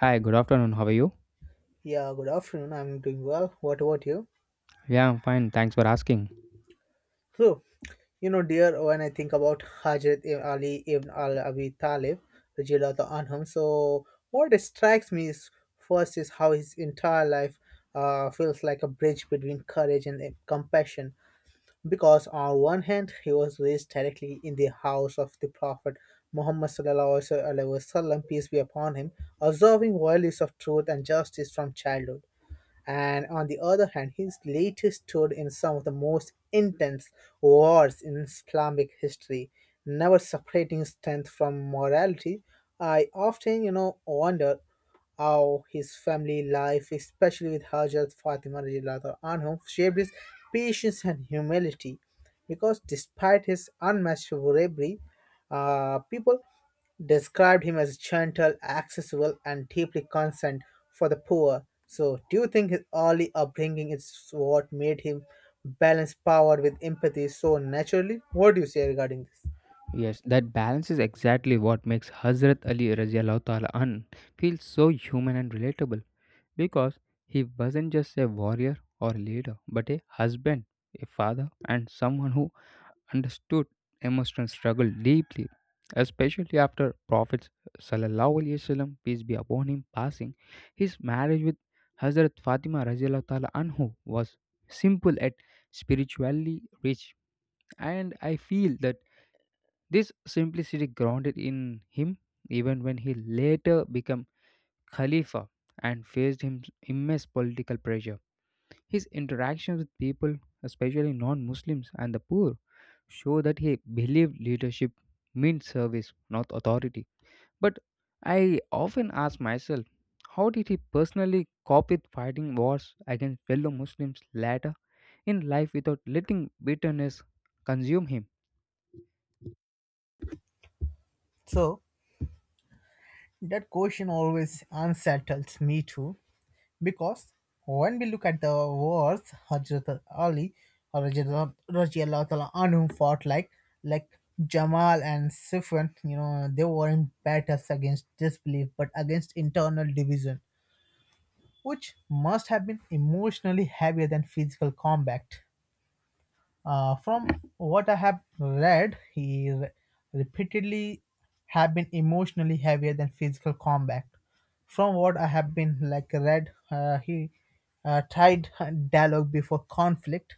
Hi, good afternoon. How are you? Yeah, good afternoon. I'm doing well. What about you? Yeah, I'm fine. Thanks for asking. So, Dear, when I think about Hajrat Ibn Ali Ibn Al Abi Talib, radiallahu anhum, so what strikes me is first is how his entire life feels like a bridge between courage and compassion. Because on one hand, he was raised directly in the house of the Prophet Muhammad sallallahu alaihi wasallam, peace be upon him, observing values of truth and justice from childhood, and on the other hand, his latest stood in some of the most intense wars in Islamic history, never separating strength from morality. I often, wonder how his family life, especially with Hajar Fatima radiallahu anhu, shaped his patience and humility. Because despite his unmatched bravery, people described him as gentle, accessible, and deeply concerned for the poor. So, do you think his early upbringing is what made him balance power with empathy so naturally? What do you say regarding this? Yes, that balance is exactly what makes Hazrat Ali radiallahu ta'ala an feel so human and relatable because he wasn't just a warrior or leader, but a husband, a father, and someone who understood emotional struggle deeply, especially after Prophet sallallahu alaihi wasallam peace be upon him passing. His marriage with Hazrat Fatima radiallahu ta'ala anhu was simple yet spiritually rich, and I feel that this simplicity grounded in him even when he later became Khalifa and faced him immense political pressure. His interactions with people, especially non Muslims and the poor, show that he believed leadership meant service, not authority. But I often ask myself, how did he personally cope with fighting wars against fellow Muslims later in life without letting bitterness consume him? So, that question always unsettles me too. Because when we look at the wars Hazrat Ali or Rajiallah Ta'ala Anhu fought, like like Jamal and Sufyan, you know, they were in battles against disbelief but against internal division, which must have been emotionally heavier than physical combat. From what I have read, he repeatedly have been emotionally heavier than physical combat. From what I have been like read, he tried dialogue before conflict,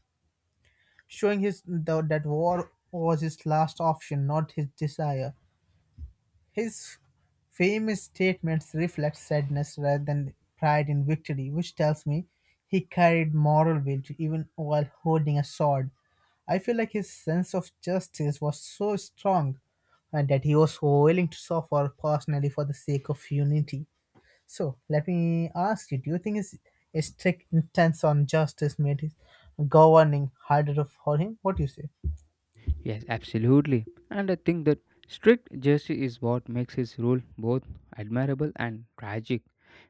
showing his though that war was his last option, not his desire. His famous statements reflect sadness rather than pride in victory, which tells me he carried moral weight even while holding a sword. I feel like his sense of justice was so strong and that he was willing to suffer personally for the sake of unity. So let me ask you, do you think his strict intense on justice made his governing harder for him? What do you say? Yes, absolutely. And I think that strict justice is what makes his rule both admirable and tragic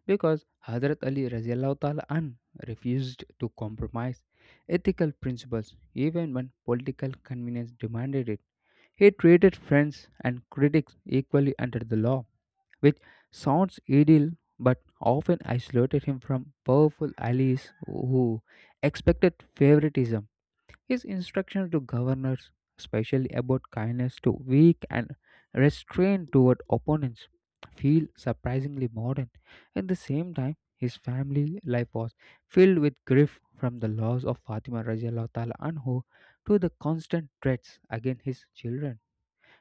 because Hazrat Ali radiallahu ta'ala an refused to compromise ethical principles even when political convenience demanded it. He treated friends and critics equally under the law, which sounds ideal but often isolated him from powerful allies who expected favoritism. His instructions to governors, especially about kindness to weak and restraint toward opponents, feel surprisingly modern. At the same time, his family life was filled with grief from the loss of Fatima Rajallah Ta'ala Anhu to the constant threats against his children.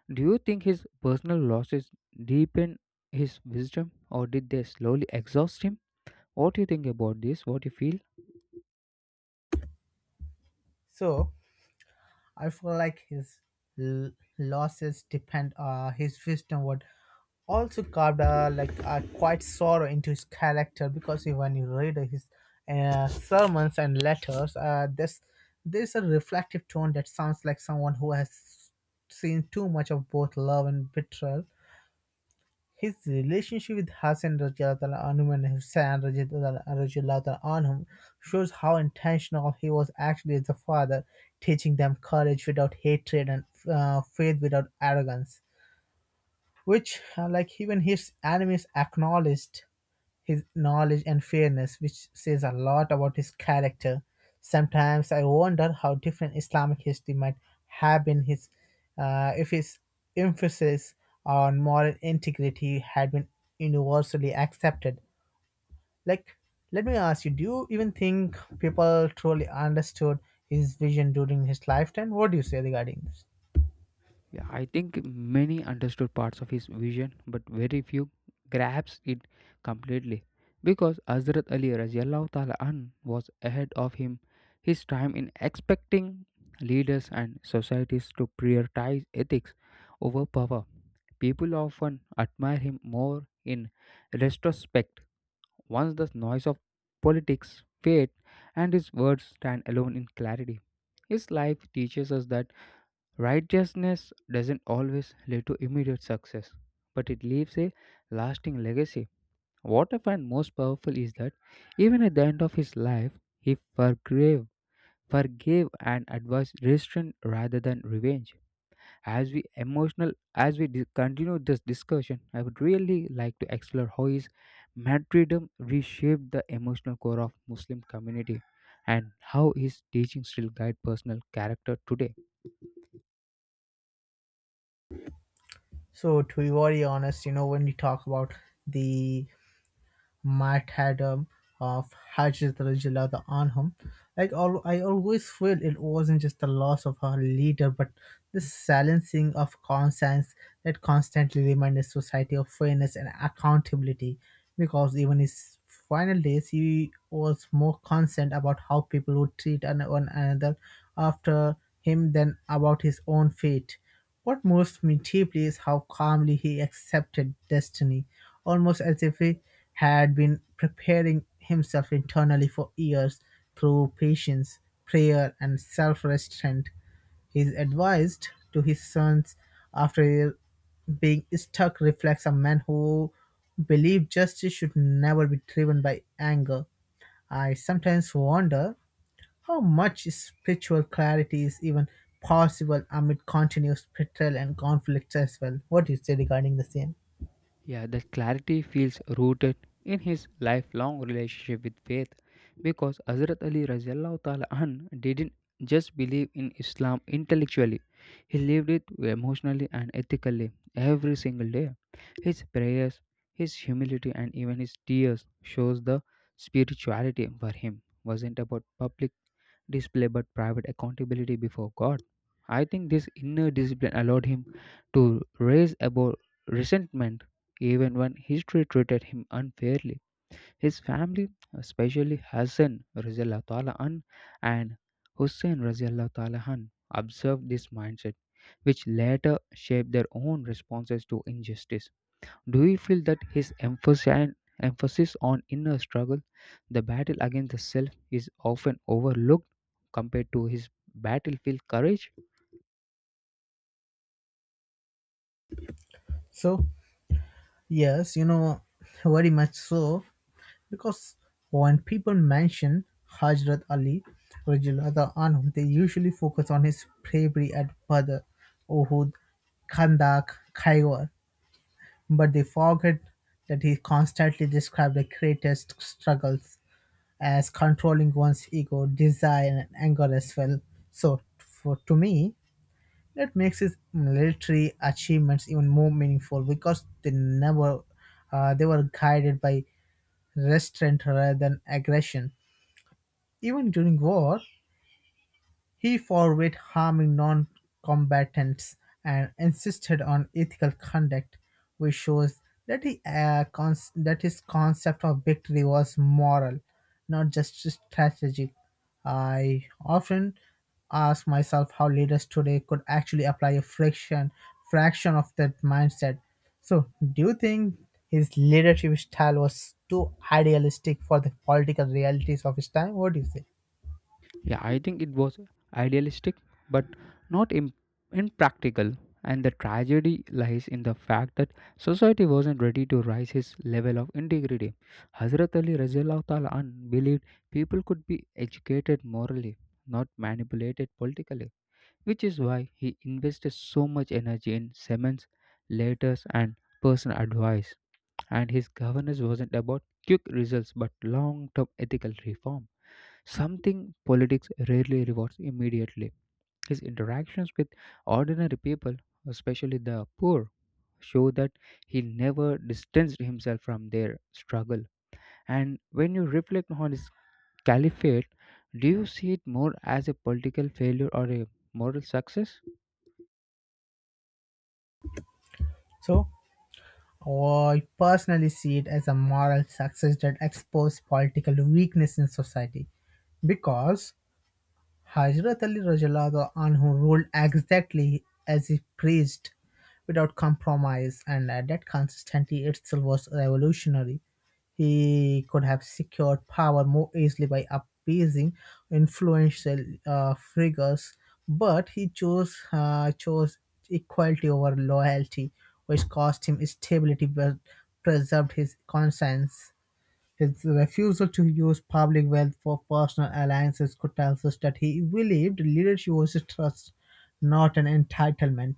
Do you think his personal losses deepened his wisdom, or did they slowly exhaust him? What do you think about this? What do you feel? So I feel like his l- losses depend his wisdom would also carved like a quite sorrow into his character, because you- when you read his sermons and letters, this there's a reflective tone that sounds like someone who has seen too much of both love and betrayal. His relationship with Hassan Radiallahu anhu and Hussain Radiallahu anhum shows how intentional he was actually as a father, teaching them courage without hatred and faith without arrogance, which like even his enemies acknowledged. His knowledge and fairness, which says a lot about his character. Sometimes I wonder how different Islamic history might have been if his emphasis on moral integrity had been universally accepted. Like, let me ask you: do you even think people truly understood his vision during his lifetime? What do you say regarding this? Yeah, I think many understood parts of his vision, but very few grasped it completely. Because Hazrat Ali radiallahu ta'ala an was ahead of him, his time in expecting leaders and societies to prioritize ethics over power. People often admire him more in retrospect once the noise of politics fades and his words stand alone in clarity. His life teaches us that righteousness doesn't always lead to immediate success, but it leaves a lasting legacy. What I find most powerful is that even at the end of his life, he forgave, forgave and advised restraint rather than revenge. As we emotional, continue this discussion, I would really like to explore how his martyrdom reshaped the emotional core of Muslim community, and how his teachings still guide personal character today. So, to be very honest, you know, when we talk about the might had martyrdom of Hajrat on him. Like all, I always feel it wasn't just the loss of her leader, but the silencing of conscience that constantly reminded society of fairness and accountability. Because even his final days, he was more concerned about how people would treat one another after him than about his own fate. What moves me deeply is how calmly he accepted destiny, almost as if he had been preparing himself internally for years through patience, prayer, and self restraint. His advice to his sons after being struck, reflects a man who believed justice should never be driven by anger. I sometimes wonder how much spiritual clarity is even possible amid continuous betrayal and conflicts as well? What do you say regarding the same? Yeah, that clarity feels rooted in his lifelong relationship with faith because Hazrat Ali radiallahu ta'ala anh didn't just believe in Islam intellectually, he lived it emotionally and ethically every single day. His prayers, his humility, and even his tears shows the spirituality for him wasn't about public display but private accountability before God. I think this inner discipline allowed him to raise above resentment even when history treated him unfairly. His family, especially Hassan Raziallahu Ta'ala an and Hussein Raziallahu Ta'ala an, observed this mindset, which later shaped their own responses to injustice. Do you feel that his emphasis and emphasis on inner struggle, the battle against the self, is often overlooked compared to his battlefield courage? So, yes, you know, very much so, because when people mention Hajrat Ali, Radiallahu anhu, they usually focus on his bravery at Badr, Uhud, Khandak, Khaybar, but they forget that he constantly described the greatest struggles as controlling one's ego, desire, and anger as well. So, for to me, that makes his military achievements even more meaningful, because they never they were guided by restraint rather than aggression. Even during war, he forbade harming non-combatants and insisted on ethical conduct, which shows that, that his concept of victory was moral, not just strategic. I often ask myself how leaders today could actually apply a fraction of that mindset. So, do you think his leadership style was too idealistic for the political realities of his time? What do you say? Yeah, I think it was idealistic, but not Im- impractical. And the tragedy lies in the fact that society wasn't ready to raise his level of integrity. Hazrat Ali radiallahu ta'ala an believed people could be educated morally, not manipulated politically, which is why he invested so much energy in sermons, letters, and personal advice. And his governance wasn't about quick results but long term ethical reform. Something politics rarely rewards immediately. His interactions with ordinary people, especially the poor, show that he never distanced himself from their struggle. And when you reflect on his caliphate, do you see it more as a political failure or a moral success? So, oh, I personally see it as a moral success that exposed political weakness in society, because Hazrat Ali Rajallah, the one ruled exactly as he preached without compromise, and that consistently itself was revolutionary. He could have secured power more easily by appeasing influential figures, but he chose equality over loyalty, which cost him stability but preserved his conscience. His refusal to use public wealth for personal alliances could tell us that he believed leadership was a trust, not an entitlement.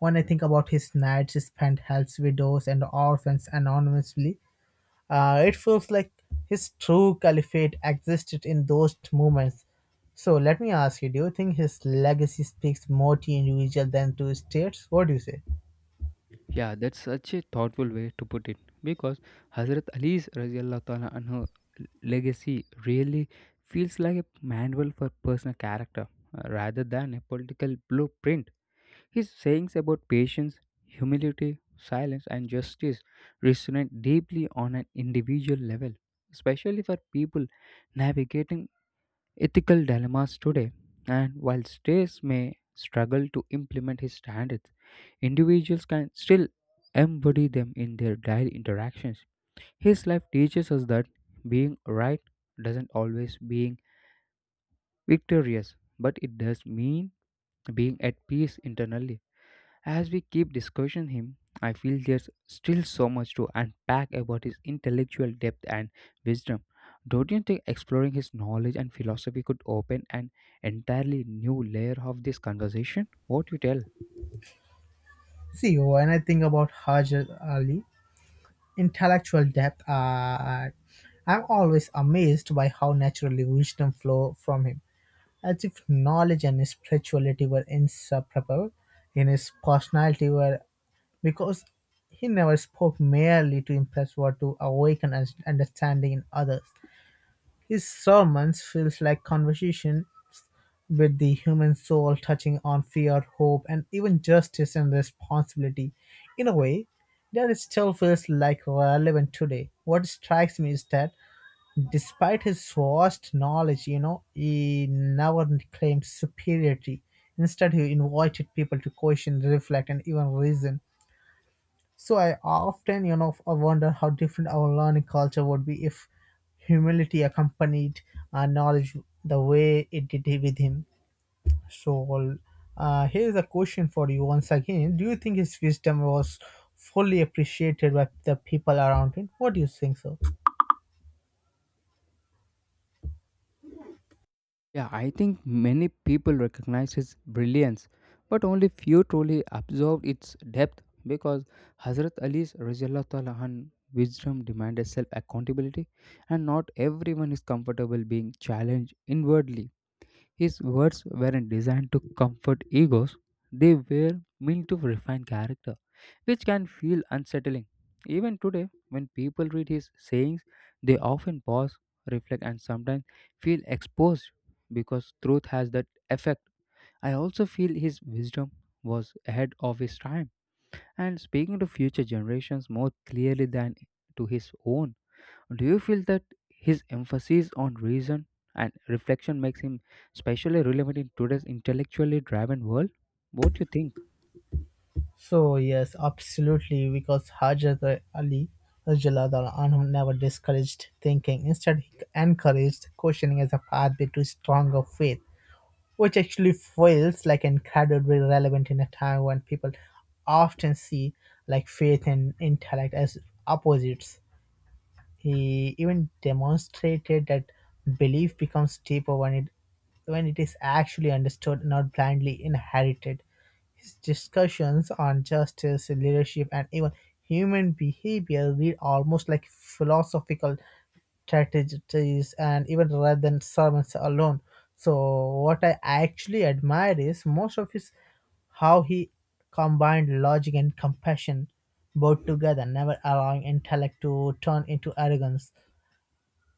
When I think about his nights spent helps widows and orphans anonymously, it feels like his true caliphate existed in those moments. So let me ask you, do you think his legacy speaks more to individual than to states? What do you say? Yeah, that's such a thoughtful way to put it because Hazrat Ali's radiallahu ta'ala anhu legacy really feels like a manual for personal character, rather than a political blueprint. His sayings about patience, humility, silence, and justice resonate deeply on an individual level, especially for people navigating ethical dilemmas today. And while states may struggle to implement his standards, individuals can still embody them in their daily interactions. His life teaches us that being right doesn't always being victorious, but it does mean being at peace internally. As we keep discussing him, I feel there's still so much to unpack about his intellectual depth and wisdom. Don't you think exploring his knowledge and philosophy could open an entirely new layer of this conversation? What you tell? See, when I think about Hajar Ali, intellectual depth, I'm always amazed by how naturally wisdom flow from him, as if knowledge and spirituality were inseparable. In his personality were, because he never spoke merely to impress or to awaken an understanding in others. His sermons feels like conversations with the human soul, touching on fear, hope, and even justice and responsibility. In a way, that it still feels like relevant today. What strikes me is that despite his vast knowledge, you know, he never claimed superiority. Instead, he invited people to question, reflect, and even reason. So I often, I wonder how different our learning culture would be if humility accompanied knowledge the way it did with him. So well, here's a question for you once again. Do you think his wisdom was fully appreciated by the people around him? What do you think so? Yeah, I think many people recognize his brilliance, but only few truly absorb its depth because Hazrat Ali's Rajallah an wisdom demanded self accountability, and not everyone is comfortable being challenged inwardly. His words weren't designed to comfort egos, they were meant to refine character, which can feel unsettling. Even today, when people read his sayings, they often pause, reflect, and sometimes feel exposed because truth has that effect. I also feel his wisdom was ahead of his time and speaking to future generations more clearly than to his own. Do you feel that his emphasis on reason and reflection makes him especially relevant in today's intellectually driven world? What do you think? So yes, absolutely, because Hajrat Ali Rajallahu Anhu never discouraged thinking. Instead, he encouraged questioning as a pathway to stronger faith, which actually feels like incredibly relevant in a time when people often see like faith and intellect as opposites. He even demonstrated that belief becomes deeper when it is actually understood, not blindly inherited. His discussions on justice, leadership, and even human behavior read almost like philosophical strategies and even rather than sermons alone. So what I actually admired is most of his how he combined logic and compassion both together, never allowing intellect to turn into arrogance.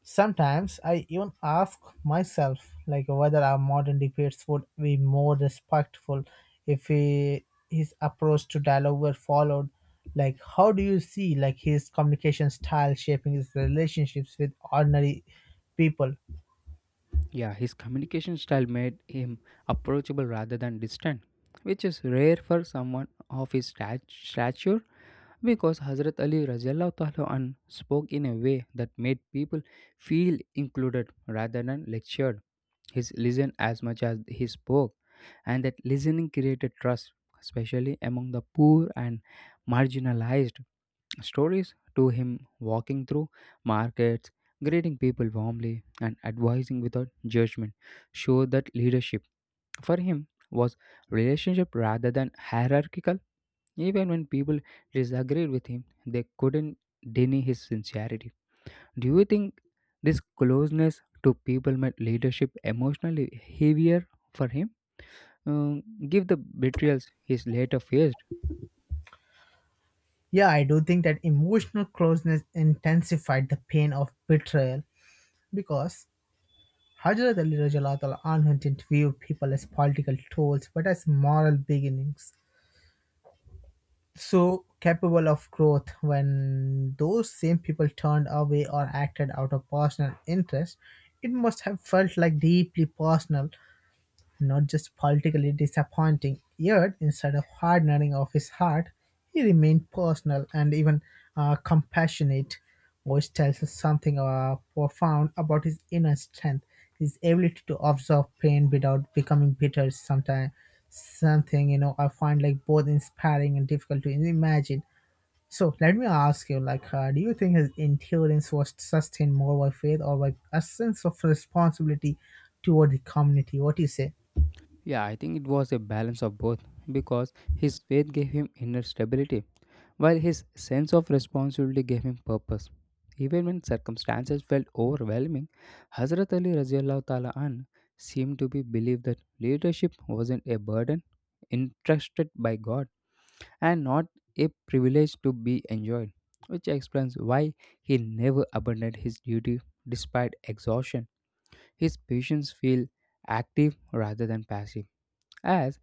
Sometimes I even ask myself like whether our modern debates would be more respectful if his approach to dialogue were followed. Like how do you see like his communication style shaping his relationships with ordinary people? Yeah, his communication style made him approachable rather than distant, which is rare for someone of his stature because Hazrat Ali Rajallahu Ta'ala anhu spoke in a way that made people feel included rather than lectured. He listened as much as he spoke, and that listening created trust, especially among the poor and marginalized. Stories to him walking through markets, greeting people warmly, and advising without judgment showed that leadership for him was relationship rather than hierarchical. Even when people disagreed with him, they couldn't deny his sincerity. Do you think this closeness to people made leadership emotionally heavier for him? Um, Give the betrayals his later faced. Yeah, I do think that emotional closeness intensified the pain of betrayal, because Hazrat Ali Rajalatala Anhu didn't view people as political tools but as moral beginnings, so capable of growth. When those same people turned away or acted out of personal interest, it must have felt like deeply personal, not just politically disappointing. Yet instead of hardening of his heart, he remained personal and even compassionate, which tells us something profound about his inner strength, his ability to absorb pain without becoming bitter sometimes. Something, you know, I find like both inspiring and difficult to imagine. So let me ask you, like, do you think his endurance was sustained more by faith or by a sense of responsibility toward the community? What do you say? Yeah, I think it was a balance of both because his faith gave him inner stability, while his sense of responsibility gave him purpose. Even when circumstances felt overwhelming, Hazrat Ali radiallahu ta'ala an seemed to be believed that leadership wasn't a burden entrusted by God and not a privilege to be enjoyed, which explains why he never abandoned his duty despite exhaustion. His patients feel active rather than passive, as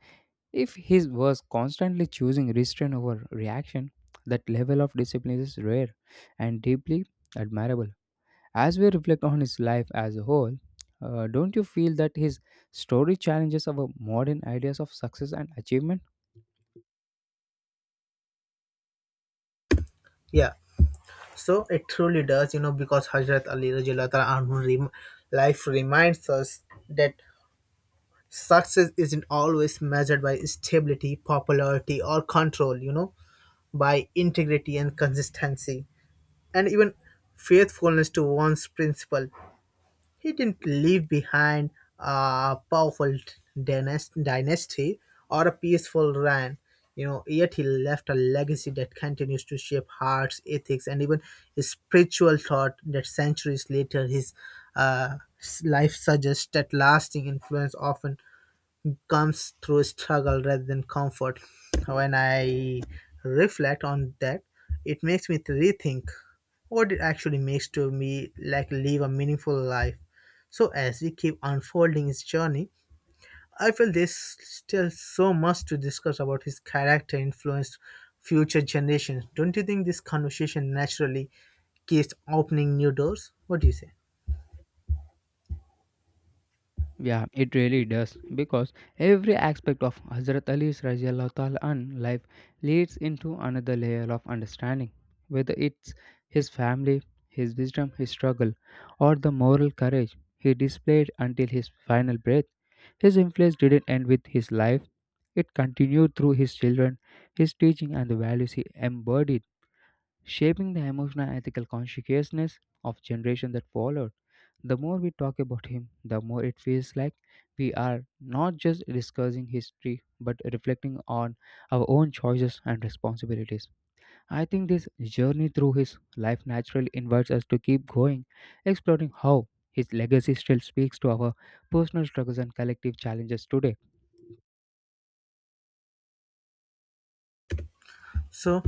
if he was constantly choosing restraint over reaction. That level of discipline is rare and deeply admirable. As we reflect on his life as a whole, don't you feel that his story challenges our modern ideas of success and achievement? Yeah, so it truly does, you know, because Hazrat Ali Rajulata Anhu life reminds us that success isn't always measured by stability, popularity, or control, you know, by integrity and consistency, and even faithfulness to one's principle. He didn't leave behind a powerful dynasty or a peaceful reign. You know, yet he left a legacy that continues to shape hearts, ethics, and even his spiritual thought that centuries later. His life suggests that lasting influence often comes through struggle rather than comfort. When I reflect on that, it makes me to rethink what it actually makes to me like live a meaningful life. So as we keep unfolding his journey, I feel there's still so much to discuss about his character influence future generations. Don't you think this conversation naturally keeps opening new doors? What do you say? Yeah, it really does because every aspect of Hazrat Ali's radiallahu ta'ala anhu life leads into another layer of understanding, whether it's his family, his wisdom, his struggle, or the moral courage he displayed until his final breath. His influence didn't end with his life, it continued through his children, his teaching, and the values he embodied, shaping the emotional and ethical consciousness of generations that followed. The more we talk about him, the more it feels like we are not just discussing history but reflecting on our own choices and responsibilities. I think this journey through his life naturally invites us to keep going, exploring how his legacy still speaks to our personal struggles and collective challenges today. So,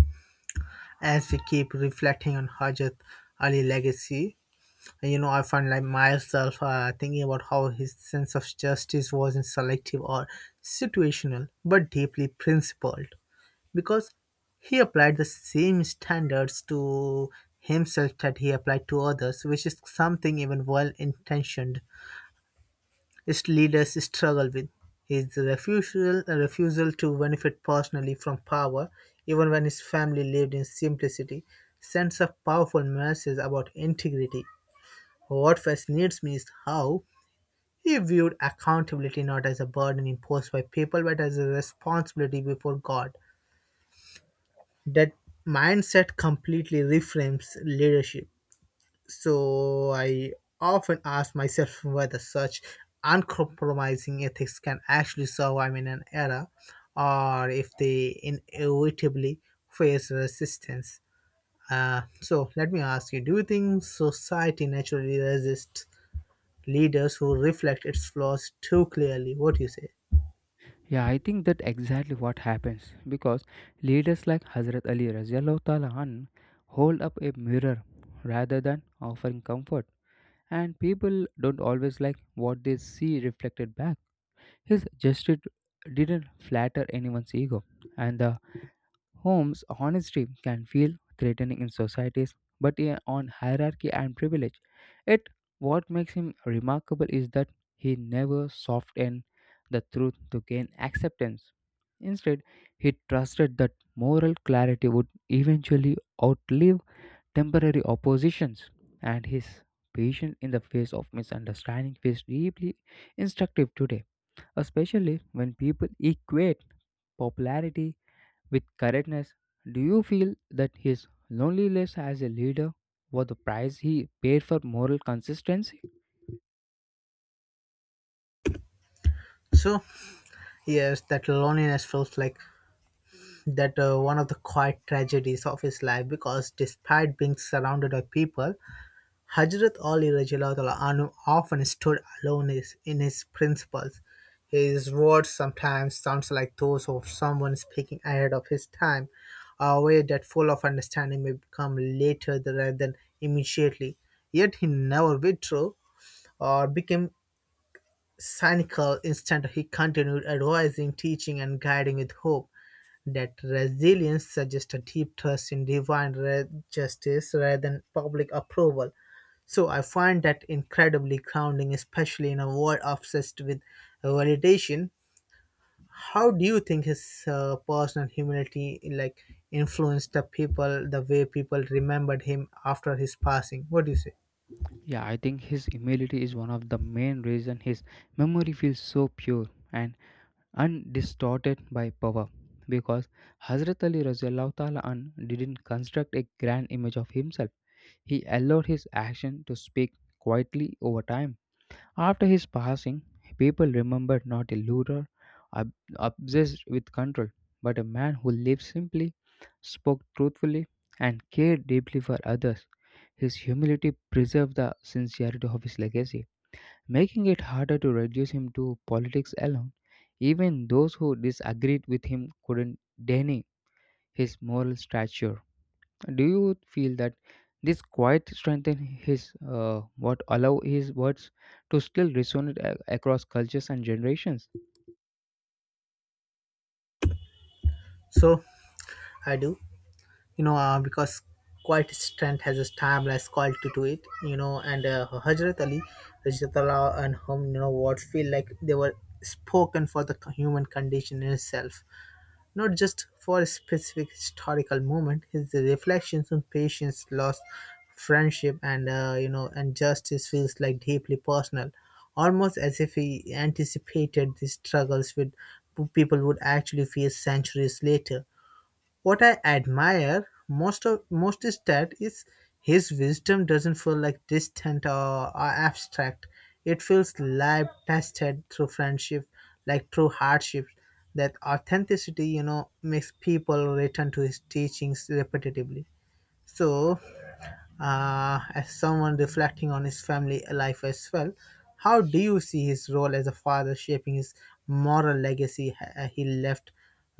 as we keep reflecting on Hajat Ali legacy, I find like myself thinking about how his sense of justice wasn't selective or situational but deeply principled because he applied the same standards to himself that he applied to others, which is something even well-intentioned leaders struggle with. His refusal refusal to benefit personally from power, even when his family lived in simplicity, sends a powerful message about integrity. What fascinates me is how he viewed accountability not as a burden imposed by people but as a responsibility before God. That mindset completely reframes leadership. So I often ask myself whether such uncompromising ethics can actually survive in an era or if they inevitably face resistance. So let me ask you, do you think society naturally resists leaders who reflect its flaws too clearly? What do you say? Yeah, I think that exactly what happens because leaders like Hazrat Ali Raziallahu Ta'ala an hold up a mirror rather than offering comfort, and people don't always like what they see reflected back. His gesture didn't flatter anyone's ego, and the Home's honesty can feel threatening in societies, but on hierarchy and privilege. Yet, what makes him remarkable is that he never softened the truth to gain acceptance. Instead, he trusted that moral clarity would eventually outlive temporary oppositions, and his patience in the face of misunderstanding is deeply instructive today, especially when people equate popularity with correctness. Do you feel that his loneliness as a leader was the price he paid for moral consistency? So yes, that loneliness feels like that one of the quiet tragedies of his life, because despite being surrounded by people, Hazrat Ali Rajalawala Anu often stood alone in his principles. His words sometimes sounds like those of someone speaking ahead of his time, a way that full of understanding may become later rather than immediately. Yet he never withdrew or became cynical. Instead, he continued advising, teaching, and guiding with hope. That resilience suggests a deep trust in divine justice rather than public approval. So I find that incredibly grounding, especially in a world obsessed with validation. How do you think his personal humility like influenced the people, the way people remembered him after his passing? What do you say? Yeah, I think his humility is one of the main reason his memory feels so pure and undistorted by power. Because Hazrat Ali Rajallahu Ta'ala an didn't construct a grand image of himself. He allowed his action to speak quietly over time. After his passing, people remembered not a ruler obsessed with control, but a man who lived simply, spoke truthfully, and cared deeply for others. His humility preserved the sincerity of his legacy, making it harder to reduce him to politics alone. Even those who disagreed with him couldn't deny his moral stature. Do you feel that this quiet strengthen his what allow his words to still resonate across cultures and generations? So I do. You know, because quite strength has a timeless quality to it, you know, and Hajrat Ali, Hajrat Allah, and him, you know, what feel like they were spoken for the human condition in itself, not just for a specific historical moment. His reflections on patience, loss, friendship, and and justice feels like deeply personal, almost as if he anticipated these struggles with people would actually face centuries later. What I admire most is that is his wisdom doesn't feel like distant or abstract. It feels live tested through friendship, like through hardship. That authenticity, you know, makes people return to his teachings repetitively. So, as someone reflecting on his family life as well, how do you see his role as a father shaping his moral legacy he left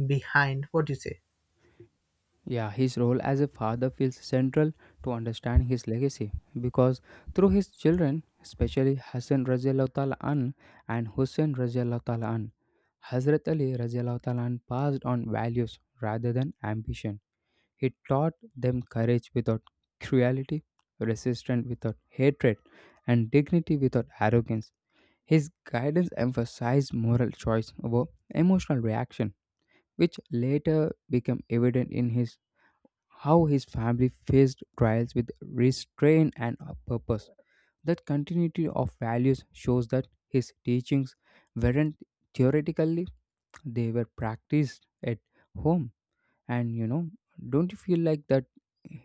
behind? What do you say? Yeah, his role as a father feels central to understand his legacy because through his children, especially Hassan radiallahu ta'ala an and Hussein radiallahu ta'ala an, Hazrat Ali radiallahu ta'ala an passed on values rather than ambition. He taught them courage without cruelty, resistance without hatred, and dignity without arrogance. His guidance emphasized moral choice over emotional reaction, which later became evident in his how his family faced trials with restraint and a purpose. That continuity of values shows that his teachings weren't theoretically, they were practiced at home. And you know, don't you feel like that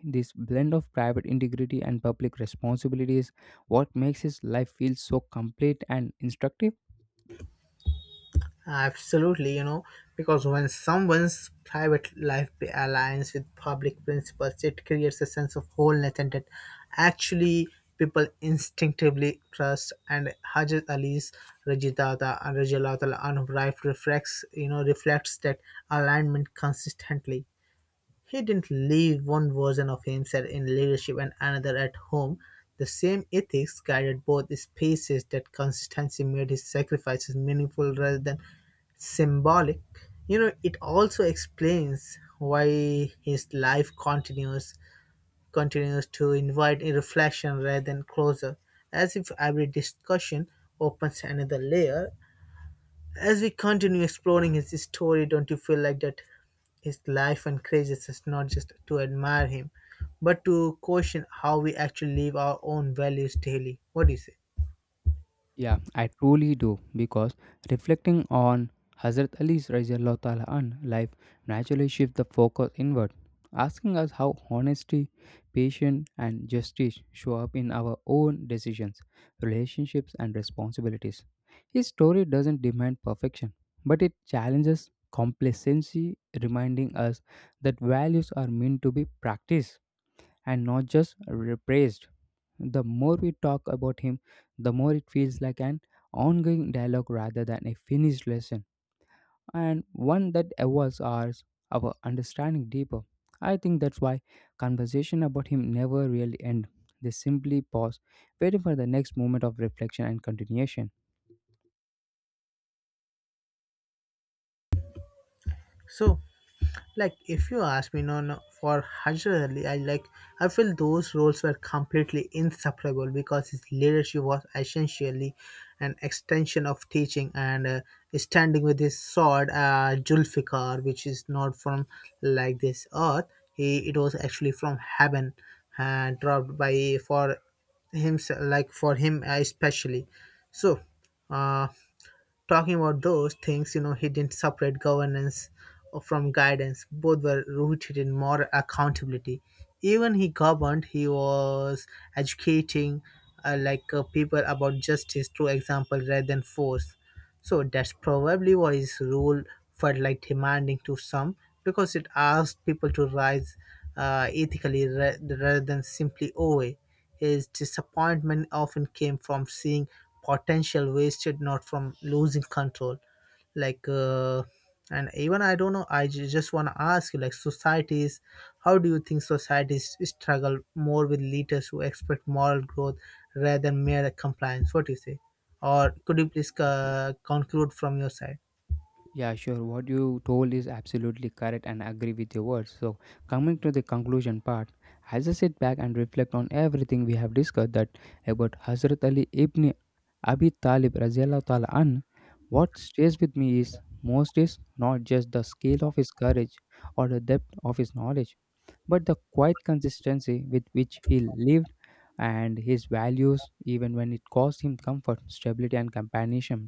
this blend of private integrity and public responsibility is what makes his life feel so complete and instructive? Absolutely, you know, because when someone's private life aligns with public principles, it creates a sense of wholeness, and that actually people instinctively trust. And Hajat Ali's Rajidata and Rajalatala Anubrife reflects, reflects that alignment consistently. He didn't leave one version of himself in leadership and another at home. The same ethics guided both spaces. That consistency made his sacrifices meaningful rather than symbolic. You know, it also explains why his life continues to invite a reflection rather than closure, as if every discussion opens another layer. As we continue exploring his story, don't you feel like that his life encourages us not just to admire him, but to question how we actually live our own values daily? What do you say? Yeah, I truly do because reflecting on Hazrat Ali's radiallahu ta'ala an life naturally shifts the focus inward, asking us how honesty, patience, and justice show up in our own decisions, relationships, and responsibilities. His story doesn't demand perfection, but it challenges complacency, reminding us that values are meant to be practiced and not just repressed. The more we talk about him, the more it feels like an ongoing dialogue rather than a finished lesson and one that evolves our understanding deeper. I think that's why conversation about him never really end. They simply pause, waiting for the next moment of reflection and continuation. So, like if you ask me no no for Hajrali I like I feel those roles were completely inseparable because his leadership was essentially an extension of teaching, and standing with his sword Julfikar, which is not from like this earth. He it was actually from heaven, dropped by for himself, like for him, especially. So uh, talking about those things, you know, he didn't separate governance from guidance. Both were rooted in moral accountability. Even he governed, he was educating people about justice through example rather than force. So that's probably why his rule felt like demanding to some, because it asked people to rise ethically rather than simply obey. His disappointment often came from seeing potential wasted, not from losing control. Like, uh, and even I don't know, I just want to ask you, like, societies, how do you think societies struggle more with leaders who expect moral growth rather than mere compliance? What do you say? Or could you please conclude from your side? Yeah, sure. What you told is absolutely correct and I agree with your words. So, coming to the conclusion part, as I sit back and reflect on everything we have discussed that about Hazrat Ali ibn Abi Talib radiallahu ta'ala an, what stays with me is most is not just the scale of his courage or the depth of his knowledge, but the quiet consistency with which he lived and his values, even when it cost him comfort, stability, and companionship.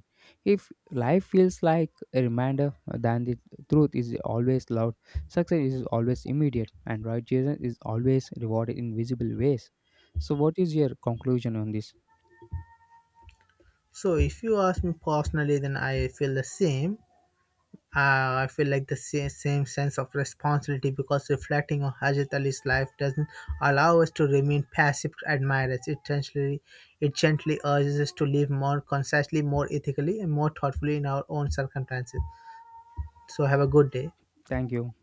If life feels like a reminder, then the truth is always loud, success is always immediate, and righteousness is always rewarded in visible ways. So, what is your conclusion on this? So, if you ask me personally, then I feel the same. I feel like the same sense of responsibility, because reflecting on Hajat Ali's life doesn't allow us to remain passive admirers. It gently urges us to live more consciously, more ethically, and more thoughtfully in our own circumstances. So, have a good day. Thank you.